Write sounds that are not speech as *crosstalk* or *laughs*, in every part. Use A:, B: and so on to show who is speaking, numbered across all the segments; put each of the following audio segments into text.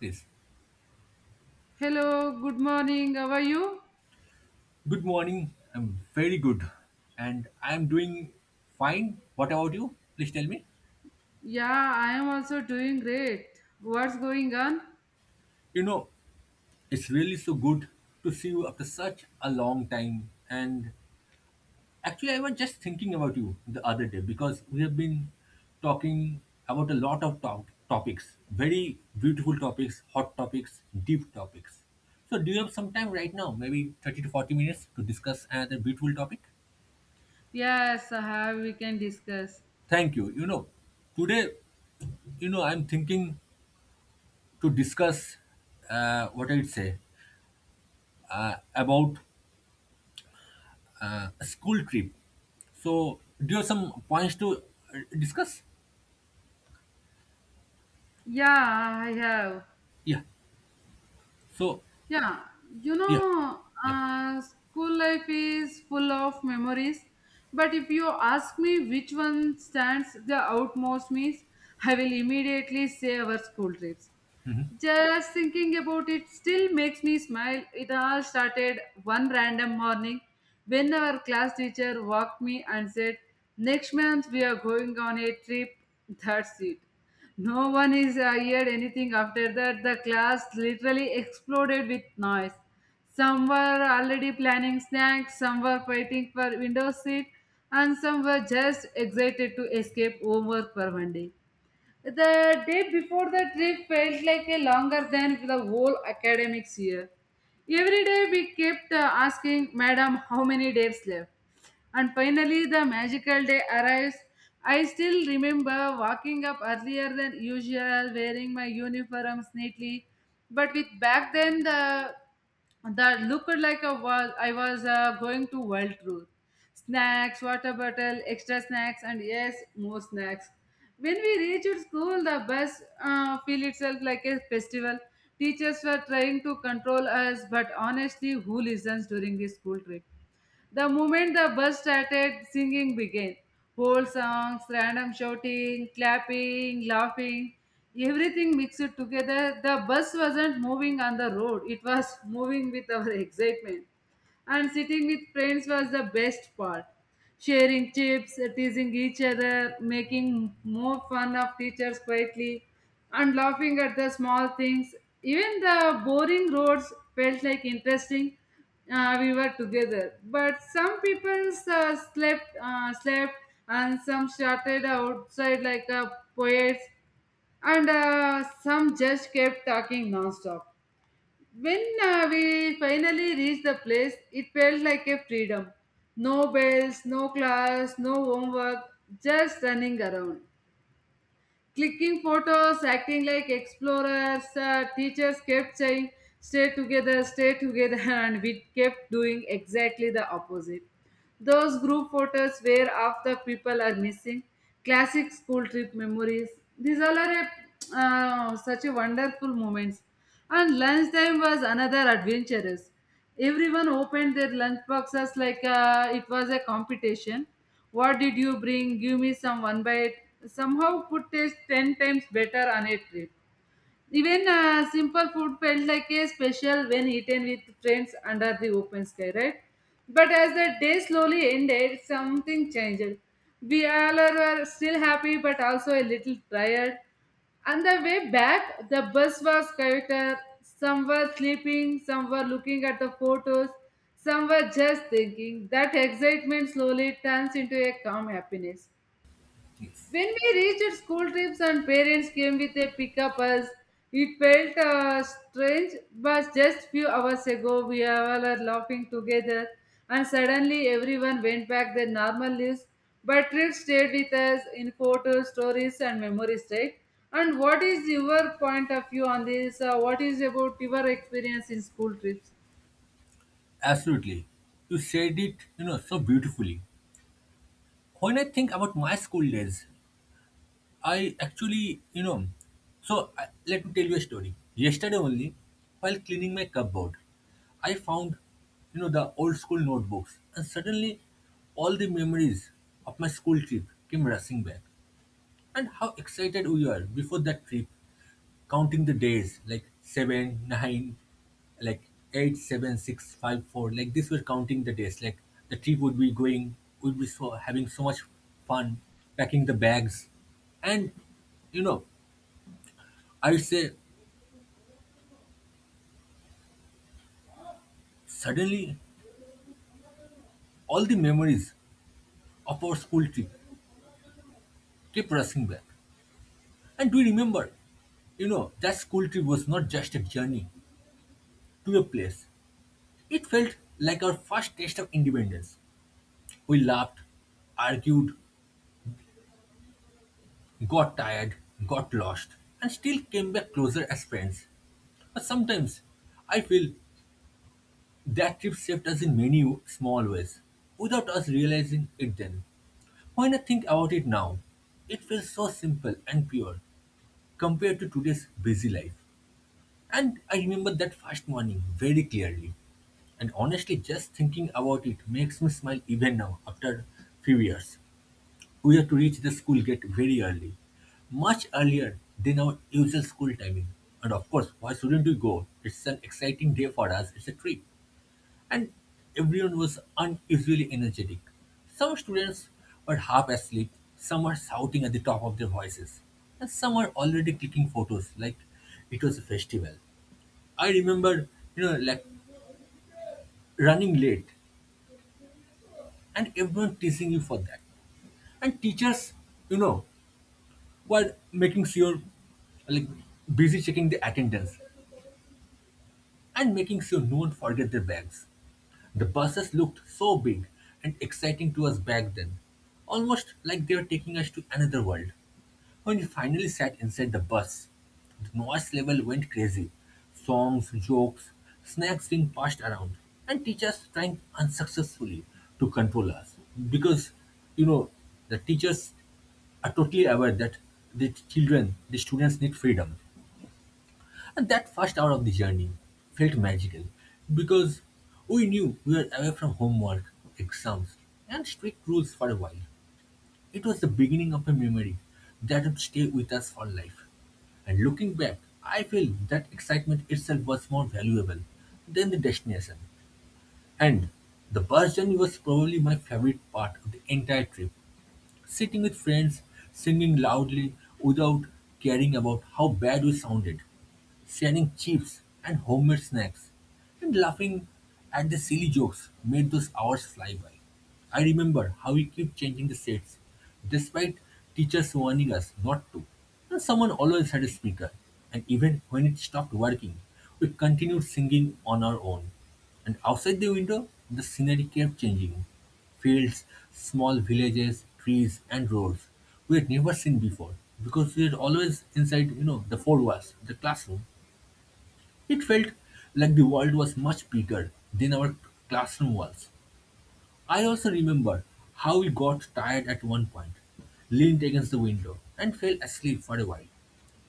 A: Yes.
B: Hello, good morning. How are you?
A: Good morning. I'm very good. And I'm doing fine. What about you? Please tell me.
B: Yeah, I am also doing great. What's going on?
A: You know, it's really so good to see you after such a long time. And actually, I was just thinking about you the other day because we have been talking about a lot of topics, very beautiful topics, hot topics, deep topics. So, do you have some time right now, maybe 30 to 40 minutes, to discuss another beautiful topic?
B: Yes, I have. We can discuss.
A: Thank you. You know, today, you know, I'm thinking to discuss what I'd say about a school trip. So, do you have some points to discuss?
B: Yeah, I have.
A: Yeah. So,
B: Yeah, you
A: yeah,
B: know,
A: yeah,
B: school life is full of memories. But if you ask me which one stands the outmost means, I will immediately say our school trips. Just thinking about it still makes me smile. It all started one random morning when our class teacher walked me and said, next month we are going on a trip. That's it. No one is heard anything after that. The class literally exploded with noise. Some were already planning snacks, some were fighting for window seat, and some were just excited to escape homework for one day. The day before the trip felt like a longer than the whole academics year. Every day we kept asking, madam, how many days left? And finally, the magical day arrives. I still remember walking up earlier than usual, wearing my uniforms neatly. But with back then, the that looked like a was I was going to world tour. Snacks, water bottle, extra snacks, and yes, more snacks. When we reached school, the bus feel itself like a festival. Teachers were trying to control us, but honestly, who listens during this school trip? The moment the bus started, singing began. Whole songs, random shouting, clapping, laughing, everything mixed together. The bus wasn't moving on the road, it was moving with our *laughs* excitement and sitting with friends was the best part. Sharing chips, teasing each other, making more fun of teachers quietly, and laughing at the small things. Even the boring roads felt like interesting. We were together, but some people slept, and some started outside like a poets, and some just kept talking nonstop. When we finally reached the place, it felt like a freedom. No bells, no class, no homework, just running around. Clicking photos, acting like explorers. Teachers kept saying, stay together, *laughs* and we kept doing exactly the opposite. Those group photos where half the people are missing, classic school trip memories. These all are such a wonderful moments. And lunchtime was another adventurous. Everyone opened their lunch boxes like it was a competition. What did you bring? Give me some one bite. Somehow food taste 10 times better on a trip. Even simple food felt like a special when eaten with friends under the open sky, right? But as the day slowly ended, something changed. We were still happy but also a little tired. On the way back, the bus was chaotic. Some were sleeping, some were looking at the photos, some were just thinking. That excitement slowly turns into a calm happiness.
A: yes,
B: When we reached school trips and parents came with a pickup us, it felt strange, but just few hours ago we all are laughing together and suddenly everyone went back their normal lives. But trips stayed with us in photos, stories and memories, right? And what is your point of view on this? What is about your experience in school trips?
A: absolutely. You said it, you know, so beautifully. When I think about my school days, I actually, you know, let me tell you a story. Yesterday only, while cleaning my cupboard, I found, you know, the old school notebooks, and suddenly all the memories of my school trip came rushing back. And how excited we were before that trip, counting the days like 7, 9, like 8, 7, 6, 5, 4. Like this, we're counting the days. Like the trip would be going, would be having so much fun, packing the bags. And you know, I would say suddenly all the memories of our school trip kept rushing back. And do you remember, you know, that school trip was not just a journey to a place. It felt like our first taste of independence. We laughed, argued, got tired, got lost, and still came back closer as friends. But sometimes I feel that trip saved us in many small ways, without us realizing it then. When I think about it now, it feels so simple and pure compared to today's busy life. And I remember that first morning very clearly. And honestly, just thinking about it makes me smile even now after few years. We had to reach the school gate very early, much earlier than our usual school timing. And of course, why shouldn't we go? It's an exciting day for us, it's a trip. And everyone was unusually energetic. Some students were half asleep, some were shouting at the top of their voices, and some were already clicking photos like it was a festival. I remember, you know, like running late and everyone teasing you for that. And teachers, you know, while making sure, like, busy checking the attendance and making sure no one forget their bags. The buses looked so big and exciting to us back then, almost like they were taking us to another world. When we finally sat inside the bus, the noise level went crazy. Songs, jokes, snacks being passed around, and teachers trying unsuccessfully to control us. Because, you know, the teachers are totally aware that the children, the students need freedom. And that first hour of the journey felt magical because we knew we were away from homework, exams, and strict rules for a while. It was the beginning of a memory that would stay with us for life. And looking back, I feel that excitement itself was more valuable than the destination. And the bus journey was probably my favorite part of the entire trip. Sitting with friends, singing loudly without caring about how bad we sounded, sharing chips and homemade snacks, and laughing at the silly jokes made those hours fly by. I remember how we kept changing the sets, despite teachers warning us not to. And someone always had a speaker, and even when it stopped working, we continued singing on our own. And outside the window, the scenery kept changing. Fields, small villages, trees and roads we had never seen before, because we had always inside, you know, the four walls, the classroom. It felt like the world was much bigger than our classroom walls. I also remember how we got tired at one point, leaned against the window, and fell asleep for a while,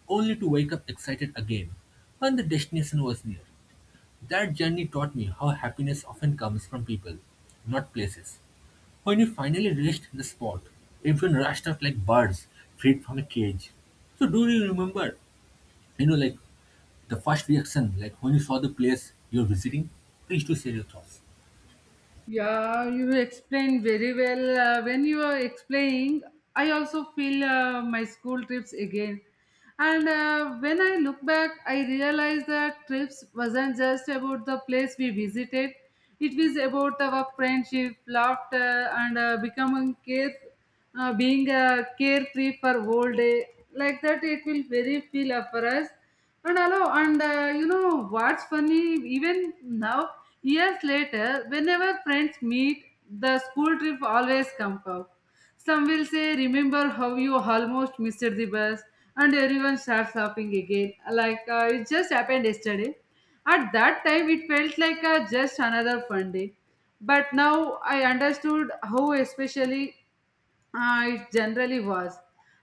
A: only to wake up excited again when the destination was near. That journey taught me how happiness often comes from people, not places. When we finally reached the spot, everyone rushed out like birds freed from a cage. So do you remember, you know, like the first reaction, like when you saw the place you're visiting? Please do share your thoughts.
B: Yeah, you explained very well. When you are explaining, I also feel my school trips again. And when I look back, I realize that trips wasn't just about the place we visited. It was about our friendship, laughter, and becoming care being a carefree for whole day like that it will very feel up for us and hello and you know what's funny, even now, years later, whenever friends meet, the school trip always comes up. Some will say, remember how you almost missed the bus, and everyone starts laughing again like it just happened yesterday. At that time it felt like just another fun day, but now I understood how especially it generally was.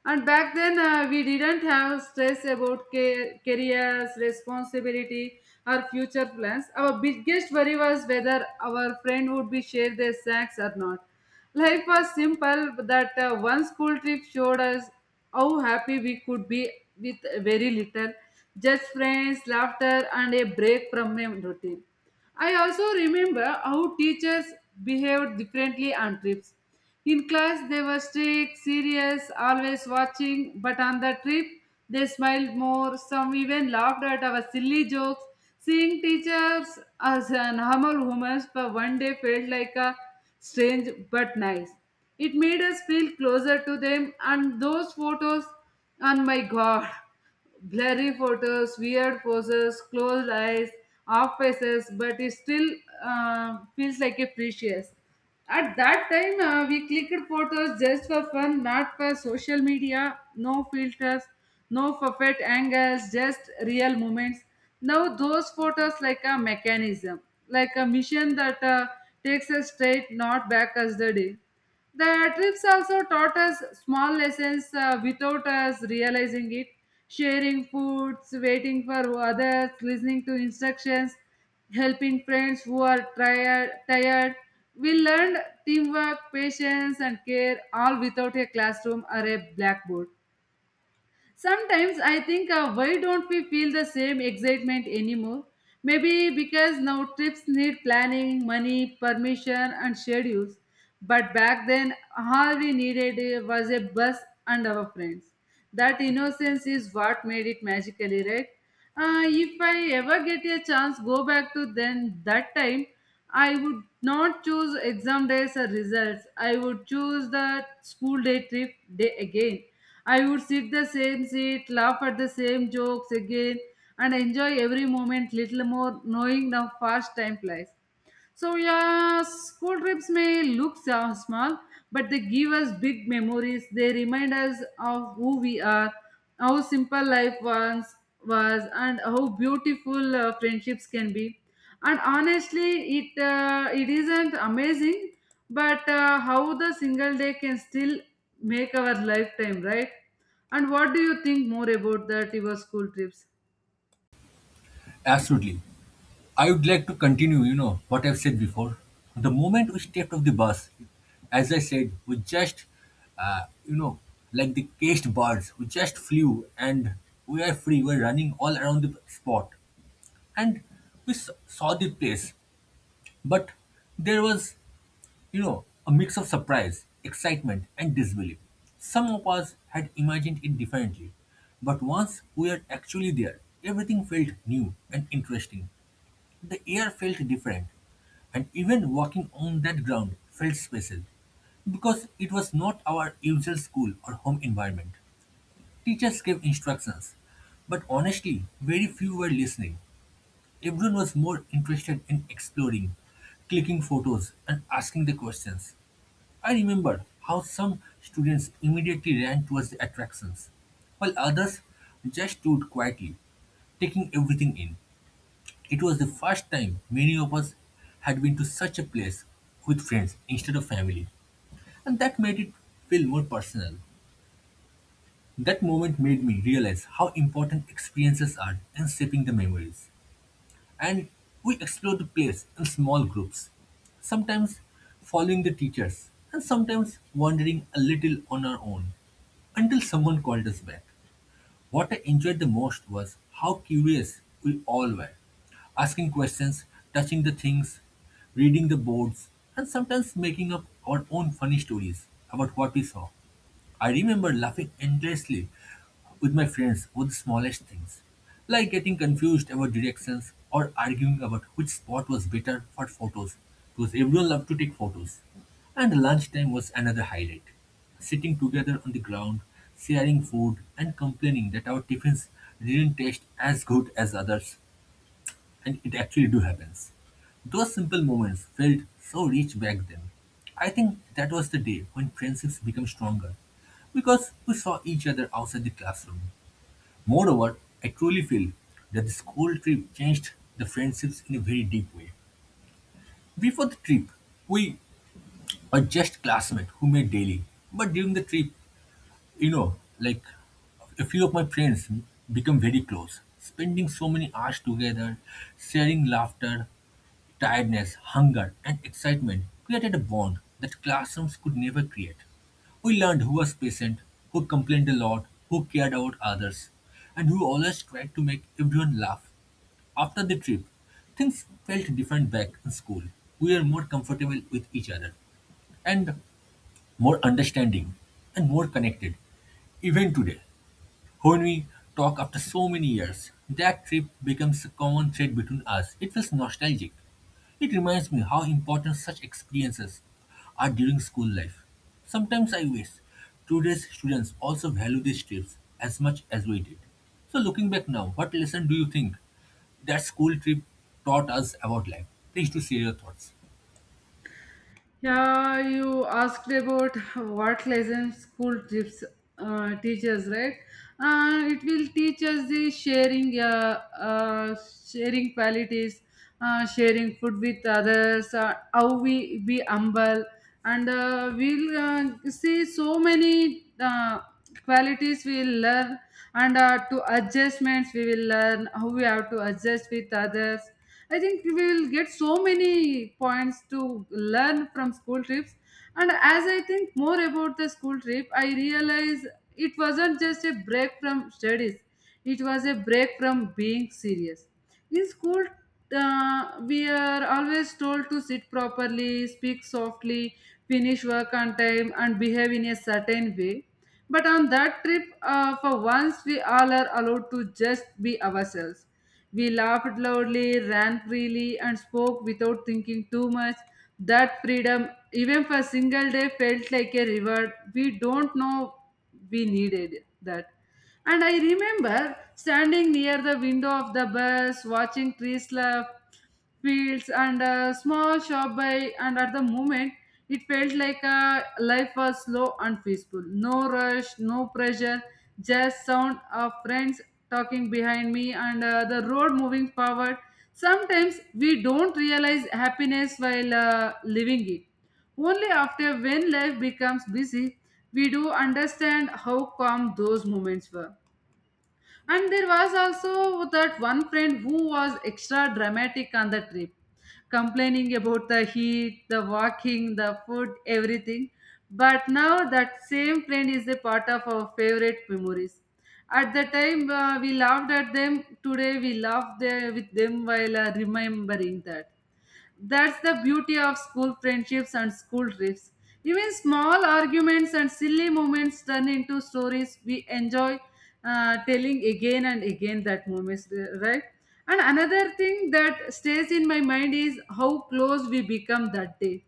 B: And back then, we didn't have stress about careers, responsibility, or future plans. Our biggest worry was whether our friend would be share their snacks or not. Life was simple, but that one school trip showed us how happy we could be with very little, just friends, laughter, and a break from a routine. I also remember how teachers behaved differently on trips. In class, they were strict, serious, always watching, but on the trip, they smiled more. Some even laughed at our silly jokes. Seeing teachers as a normal woman for one day felt like a strange but nice. It made us feel closer to them, and those photos, and my god, blurry photos, weird poses, closed eyes, off faces, but it still feels like a precious. At that time, we clicked photos just for fun, not for social media, no filters, no perfect angles, just real moments. Now, those photos like a mechanism, like a mission that takes us straight, not back as the day. The trips also taught us small lessons without us realizing it. Sharing foods, waiting for others, listening to instructions, helping friends who are tired. We learned teamwork, patience, and care all without a classroom or a blackboard. Sometimes I think, why don't we feel the same excitement anymore? Maybe because now trips need planning, money, permission, and schedules. But back then, all we needed was a bus and our friends. That innocence is what made it magically, right? If I ever get a chance, go back to then that time. I would not choose exam days or results. I would choose the school day trip day again. I would sit the same seat, laugh at the same jokes again, and enjoy every moment little more, knowing the fast time flies. So yeah, school trips may look so small, but they give us big memories. They remind us of who we are, how simple life once was, and how beautiful friendships can be. And honestly, it isn't amazing, but how the single day can still make our lifetime, right? And what do you think more about that your school trips?
A: Absolutely. I would like to continue, you know, what I've said before. The moment we stepped off the bus, as I said, we just, uh, you know, like the caged birds, we just flew and we are free. We're running all around the spot. And saw the place, but there was, you know, a mix of surprise, excitement, and disbelief. Some of us had imagined it differently, but once we are actually there, everything felt new and interesting. The air felt different, and even walking on that ground felt special because it was not our usual school or home environment. Teachers gave instructions, but honestly, very few were listening. Everyone was more interested in exploring, clicking photos, and asking the questions. I remember how some students immediately ran towards the attractions, while others just stood quietly, taking everything in. It was the first time many of us had been to such a place with friends instead of family, and that made it feel more personal. That moment made me realize how important experiences are in shaping the memories. And we explored the place in small groups, sometimes following the teachers, and sometimes wandering a little on our own, until someone called us back. What I enjoyed the most was how curious we all were, asking questions, touching the things, reading the boards, and sometimes making up our own funny stories about what we saw. I remember laughing endlessly with my friends over the smallest things, like getting confused about directions or arguing about which spot was better for photos, because everyone loved to take photos. And lunchtime was another highlight. Sitting together on the ground, sharing food, and complaining that our tiffins didn't taste as good as others, and it actually do happens. Those simple moments felt so rich back then. I think that was the day when friendships became stronger because we saw each other outside the classroom. Moreover, I truly feel that the school trip changed the friendships in a very deep way. Before the trip, we were just classmates who met daily. But during the trip, you know, like, a few of my friends become very close, spending so many hours together, sharing laughter, tiredness, hunger, and excitement created a bond that classrooms could never create. We learned who was patient, who complained a lot, who cared about others, and who always tried to make everyone laugh. After the trip, things felt different back in school. We were more comfortable with each other, and more understanding, and more connected. Even today, when we talk after so many years, that trip becomes a common thread between us. It feels nostalgic. It reminds me how important such experiences are during school life. Sometimes I wish today's students also value these trips as much as we did. So, looking back now, what lesson do you think that school trip taught us about life? Please do share your thoughts.
B: Yeah, you asked about what lessons school trips teaches, right? It will teach us the sharing, sharing qualities, sharing food with others, how we be humble, and we'll see so many qualities we will learn, and to adjustments we will learn how we have to adjust with others. I think we will get so many points to learn from school trips. And as I think more about the school trip, I realize it wasn't just a break from studies, it was a break from being serious. In school, we are always told to sit properly, speak softly, finish work on time, and behave in a certain way. But on that trip, for once, we all are allowed to just be ourselves. We laughed loudly, ran freely, and spoke without thinking too much. That freedom, even for a single day, felt like a reward. We don't know we needed that. And I remember standing near the window of the bus, watching trees laugh fields and a small shop by, and at the moment it felt like life was slow and peaceful, no rush, no pressure, just sound of friends talking behind me and the road moving forward. Sometimes we don't realize happiness while living it, only after when life becomes busy we do understand how calm those moments were. And there was also that one friend who was extra dramatic on the trip, complaining about the heat, the walking, the food, everything. But now that same friend is a part of our favorite memories. At the time we laughed at them, today we laugh there with them while remembering that. That's the beauty of school friendships and school trips. Even small arguments and silly moments turn into stories we enjoy telling again and again that moments, right? And another thing that stays in my mind is how close we become that day.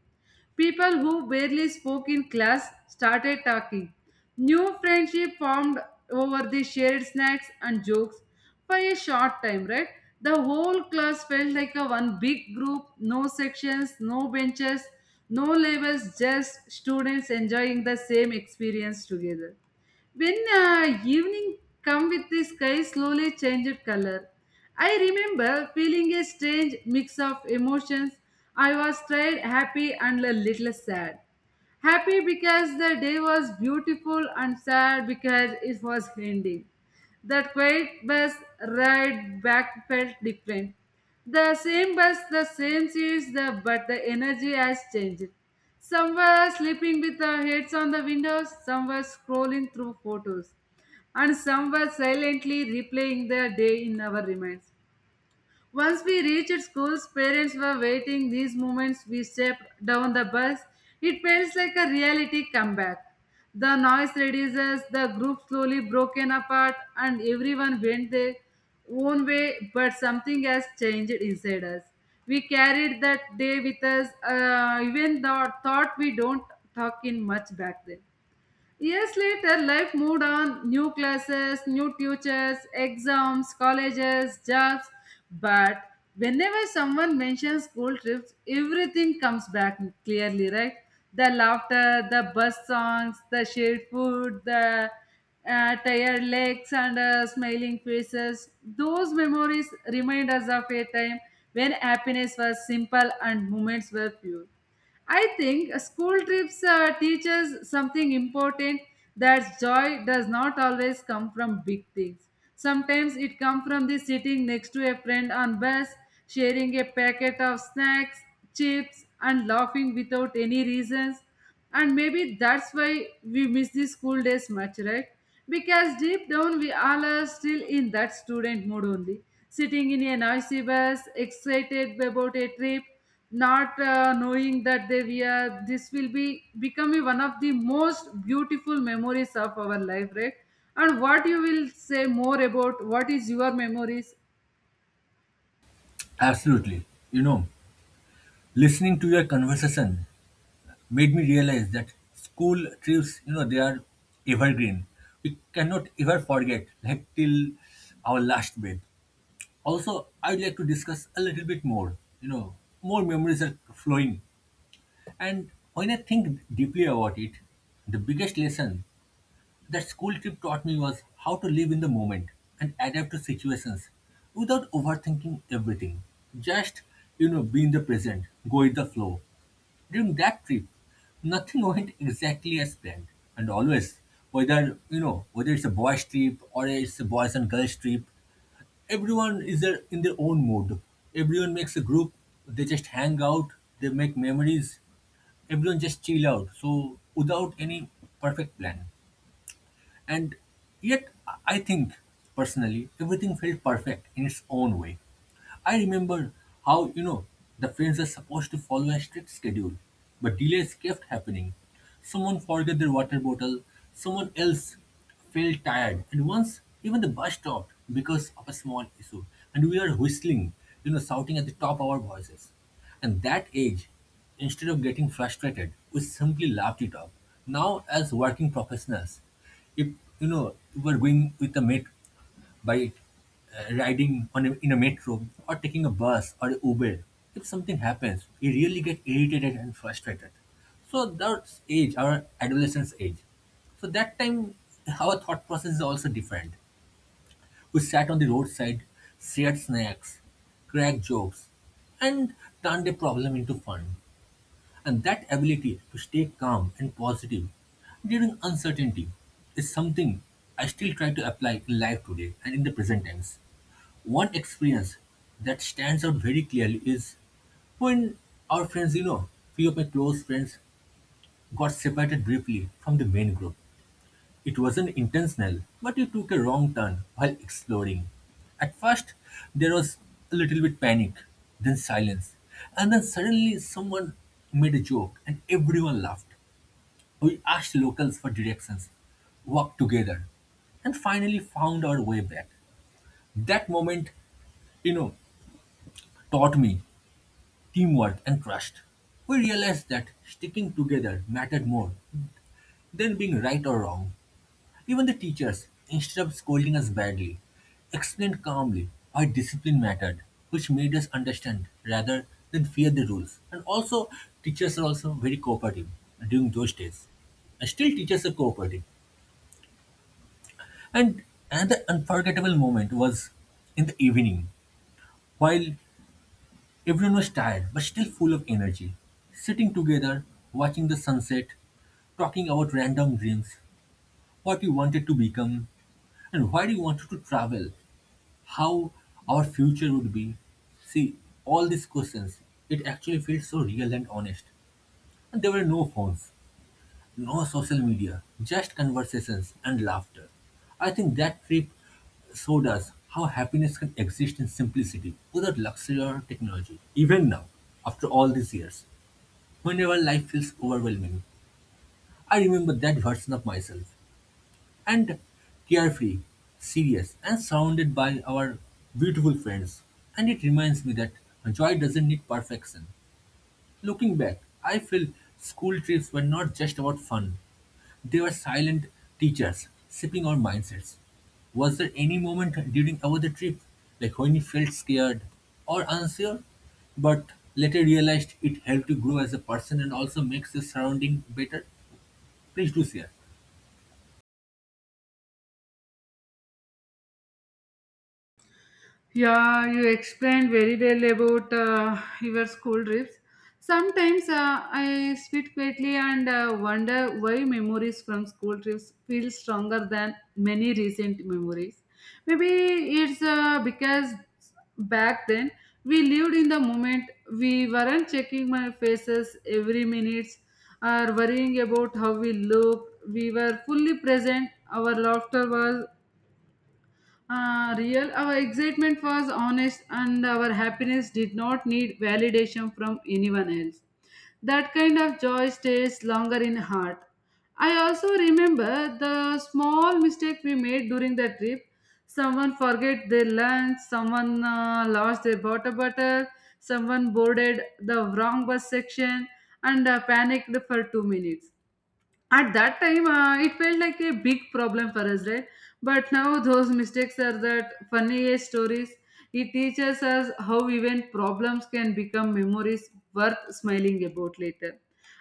B: People who barely spoke in class started talking. New friendship formed over the shared snacks and jokes for a short time, right? The whole class felt like a one big group, no sections, no benches, no labels, just students enjoying the same experience together. When evening come with the sky slowly changed color, I remember feeling a strange mix of emotions. I was tired, happy, and a little sad. Happy because the day was beautiful and sad because it was ending. That quiet bus ride back felt different. The same bus, the same seats, the, but the energy has changed. Some were sleeping with their heads on the windows, some were scrolling through photos, and some were silently replaying their day in our minds. Once we reached schools, parents were waiting. These moments we stepped down the bus. It felt like a reality comeback. The noise reduces, the group slowly broken apart, and everyone went their own way, but something has changed inside us. We carried that day with us, even the thought we don't talk in much back then. Years later, life moved on new classes, new teachers, exams, colleges, jobs. But whenever someone mentions school trips, everything comes back clearly, right? The laughter, the bus songs, the shared food, the tired legs and smiling faces. Those memories remind us of a time when happiness was simple and moments were few. I think school trips teach us something important that joy does not always come from big things. Sometimes it comes from the sitting next to a friend on bus, sharing a packet of snacks, chips, and laughing without any reasons, and maybe that's why we miss the school days much, right? Because deep down we all are still in that student mood only, sitting in a noisy bus, excited about a trip, not knowing that they we are this will be becoming one of the most beautiful memories of our life, right? And what you will say more about what is your memories?
A: Absolutely. You know, listening to your conversation made me realize that school trips, you know, they are evergreen. We cannot ever forget, like till our last breath. Also, I'd like to discuss a little bit more. You know, more memories are flowing. And when I think deeply about it, the biggest lesson that school trip taught me was how to live in the moment and adapt to situations without overthinking everything. Just, you know, be in the present, go with the flow. During that trip, nothing went exactly as planned. And always, whether, you know, whether it's a boys' trip or it's a boys and girls' trip, everyone is there in their own mood. Everyone makes a group, they just hang out, they make memories, everyone just chill out. So without any perfect plan. And yet, I think personally, everything felt perfect in its own way. I remember how, you know, the films are supposed to follow a strict schedule, but delays kept happening. Someone forgot their water bottle, someone else felt tired, and once even the bus stopped because of a small issue, and we were whistling, you know, shouting at the top of our voices. And that age, instead of getting frustrated, we simply laughed it off. Now, as working professionals, if you know, you were going with a met by riding on in a metro or taking a bus or a Uber, if something happens, you really get irritated and frustrated. So that's age, our adolescence age. So that time, our thought process is also different. We sat on the roadside, shared snacks, cracked jokes, and turned a problem into fun. And that ability to stay calm and positive during uncertainty is something I still try to apply in life today and in the present tense. One experience that stands out very clearly is when our friends, you know, few of my close friends got separated briefly from the main group. It wasn't intentional, but you took a wrong turn while exploring. At first, there was a little bit panic, then silence, and then suddenly someone made a joke and everyone laughed. We asked locals for directions, walked together, and finally found our way back. That moment, you know, taught me teamwork and trust. We realized that sticking together mattered more than being right or wrong. Even the teachers, instead of scolding us badly, explained calmly why discipline mattered, which made us understand rather than fear the rules. And also, teachers are also very cooperative during those days. And still, teachers are cooperative. And another unforgettable moment was in the evening, while everyone was tired but still full of energy, sitting together, watching the sunset, talking about random dreams, what we wanted to become, and why we wanted to travel how our future would be. See, all these questions, it actually feels so real and honest. And there were no phones, no social media, just conversations and laughter. I think that trip showed us how happiness can exist in simplicity without luxury or technology. Even now, after all these years, whenever life feels overwhelming, I remember that version of myself and carefree, serious, and surrounded by our beautiful friends. And it reminds me that joy doesn't need perfection. Looking back, I feel school trips were not just about fun, they were silent teachers, shaping our mindsets. Was there any moment during our the trip, like when you felt scared or unsure, but later realized it helped you grow as a person and also makes your surrounding better? Please do share.
B: Yeah, you explained very well about your school trips. Sometimes I sit quietly and wonder why memories from school trips feel stronger than many recent memories. Maybe it's because back then we lived in the moment. We weren't checking my faces every minute or worrying about how we looked. We were fully present. Our laughter was real, our excitement was honest, and our happiness did not need validation from anyone else. That kind of joy stays longer in heart. I also remember the small mistake we made during the trip. Someone forget their lunch, someone lost their water bottle, someone boarded the wrong bus section and panicked for 2 minutes. At that time it felt like a big problem for us, right? But now those mistakes are that funniest stories. It teaches us how even problems can become memories worth smiling about later.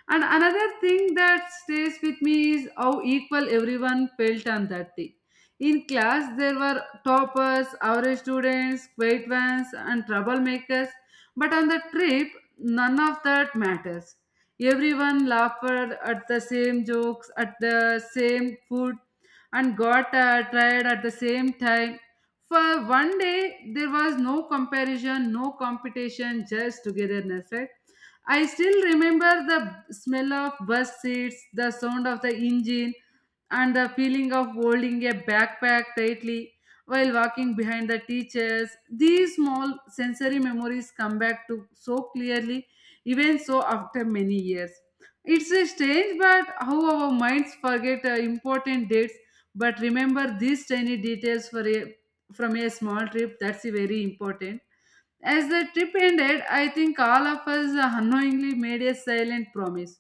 B: And another thing that stays with me is how equal everyone felt on that day. In class there were toppers, average students, quiet ones, and troublemakers, but on the trip none of that matters. Everyone laughed at the same jokes, at the same food, and got tired at the same time. For one day, there was no comparison, no competition, just togetherness, right? I still remember the smell of bus seats, the sound of the engine, and the feeling of holding a backpack tightly while walking behind the teachers. These small sensory memories come back to so clearly even so after many years. It's strange, but how our minds forget important dates but remember these tiny details from a small trip. That's very important. As the trip ended, I think all of us unknowingly made a silent promise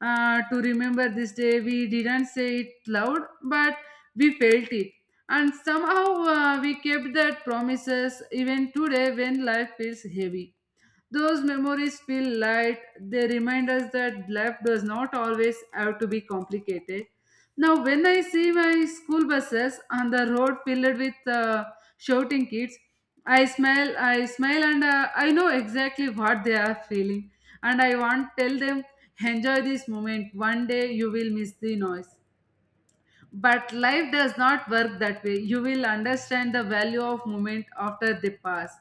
B: to remember this day. We didn't say it loud, but we felt it. And somehow we kept that promises even today. When life feels heavy, those memories feel light. They remind us that life does not always have to be complicated. Now, when I see my school buses on the road filled with shouting kids, I smile, and I know exactly what they are feeling. And I want tell them, enjoy this moment. One day you will miss the noise. But life does not work that way. You will understand the value of moment after they pass.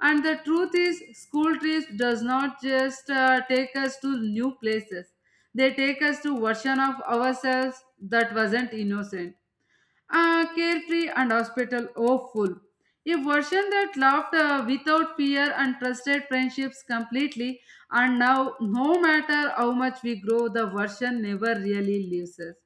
B: And the truth is, school trips does not just take us to new places. They take us to version of ourselves that wasn't innocent. Ah, carefree and hospital oh full. A version that loved without fear and trusted friendships completely, and now, no matter how much we grow, the version never really leaves us.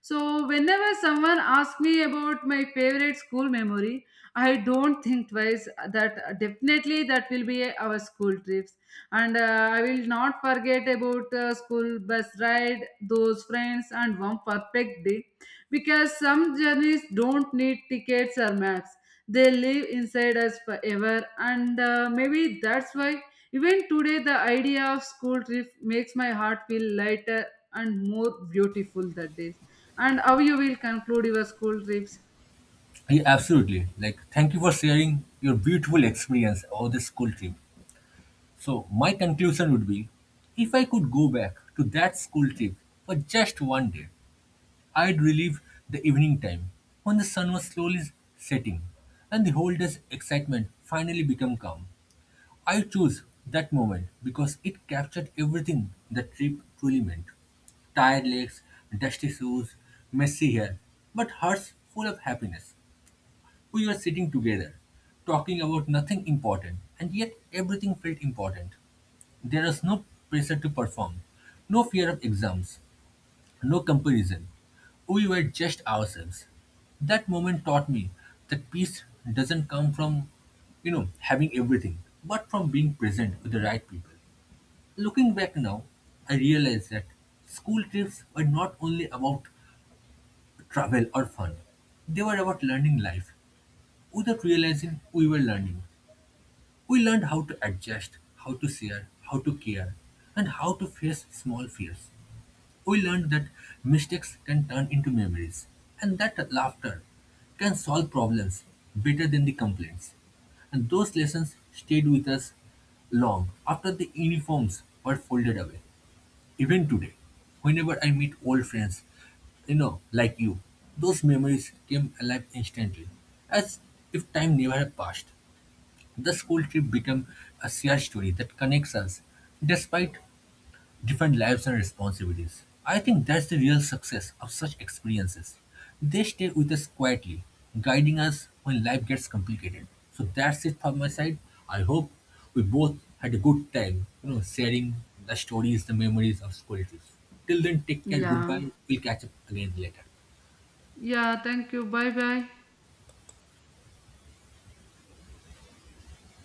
B: So, whenever someone asks me about my favorite school memory, I don't think twice. That definitely that will be our school trips, and I will not forget about school bus ride, those friends, and one perfect day, because some journeys don't need tickets or maps. They live inside us forever, and maybe that's why even today the idea of school trip makes my heart feel lighter and more beautiful that days. And how you will conclude your school trips?
A: Yeah, absolutely. Like, thank you for sharing your beautiful experience of the school trip. So, my conclusion would be if I could go back to that school trip for just one day, I'd relive the evening time when the sun was slowly setting and the whole day's excitement finally became calm. I choose that moment because it captured everything the trip truly meant tired legs, dusty shoes, messy hair, but hearts full of happiness. We were sitting together, talking about nothing important, and yet everything felt important. There was no pressure to perform, no fear of exams, no comparison. We were just ourselves. That moment taught me that peace doesn't come from having everything, but from being present with the right people. Looking back now, I realize that school trips were not only about travel or fun, they were about learning life without realizing we were learning. We learned how to adjust, how to share, how to care, and how to face small fears. We learned that mistakes can turn into memories, and that laughter can solve problems better than the complaints. And those lessons stayed with us long after the uniforms were folded away. Even today, whenever I meet old friends, like you, those memories came alive instantly, as if time never had passed. The school trip became a shared story that connects us despite different lives and responsibilities. I think that's the real success of such experiences. They stay with us quietly, guiding us when life gets complicated. So that's it from my side. I hope we both had a good time sharing the stories, the memories of school trips. Till then, take care, goodbye.
B: Yeah.
A: We'll catch up again later.
B: Yeah, thank you. Bye bye.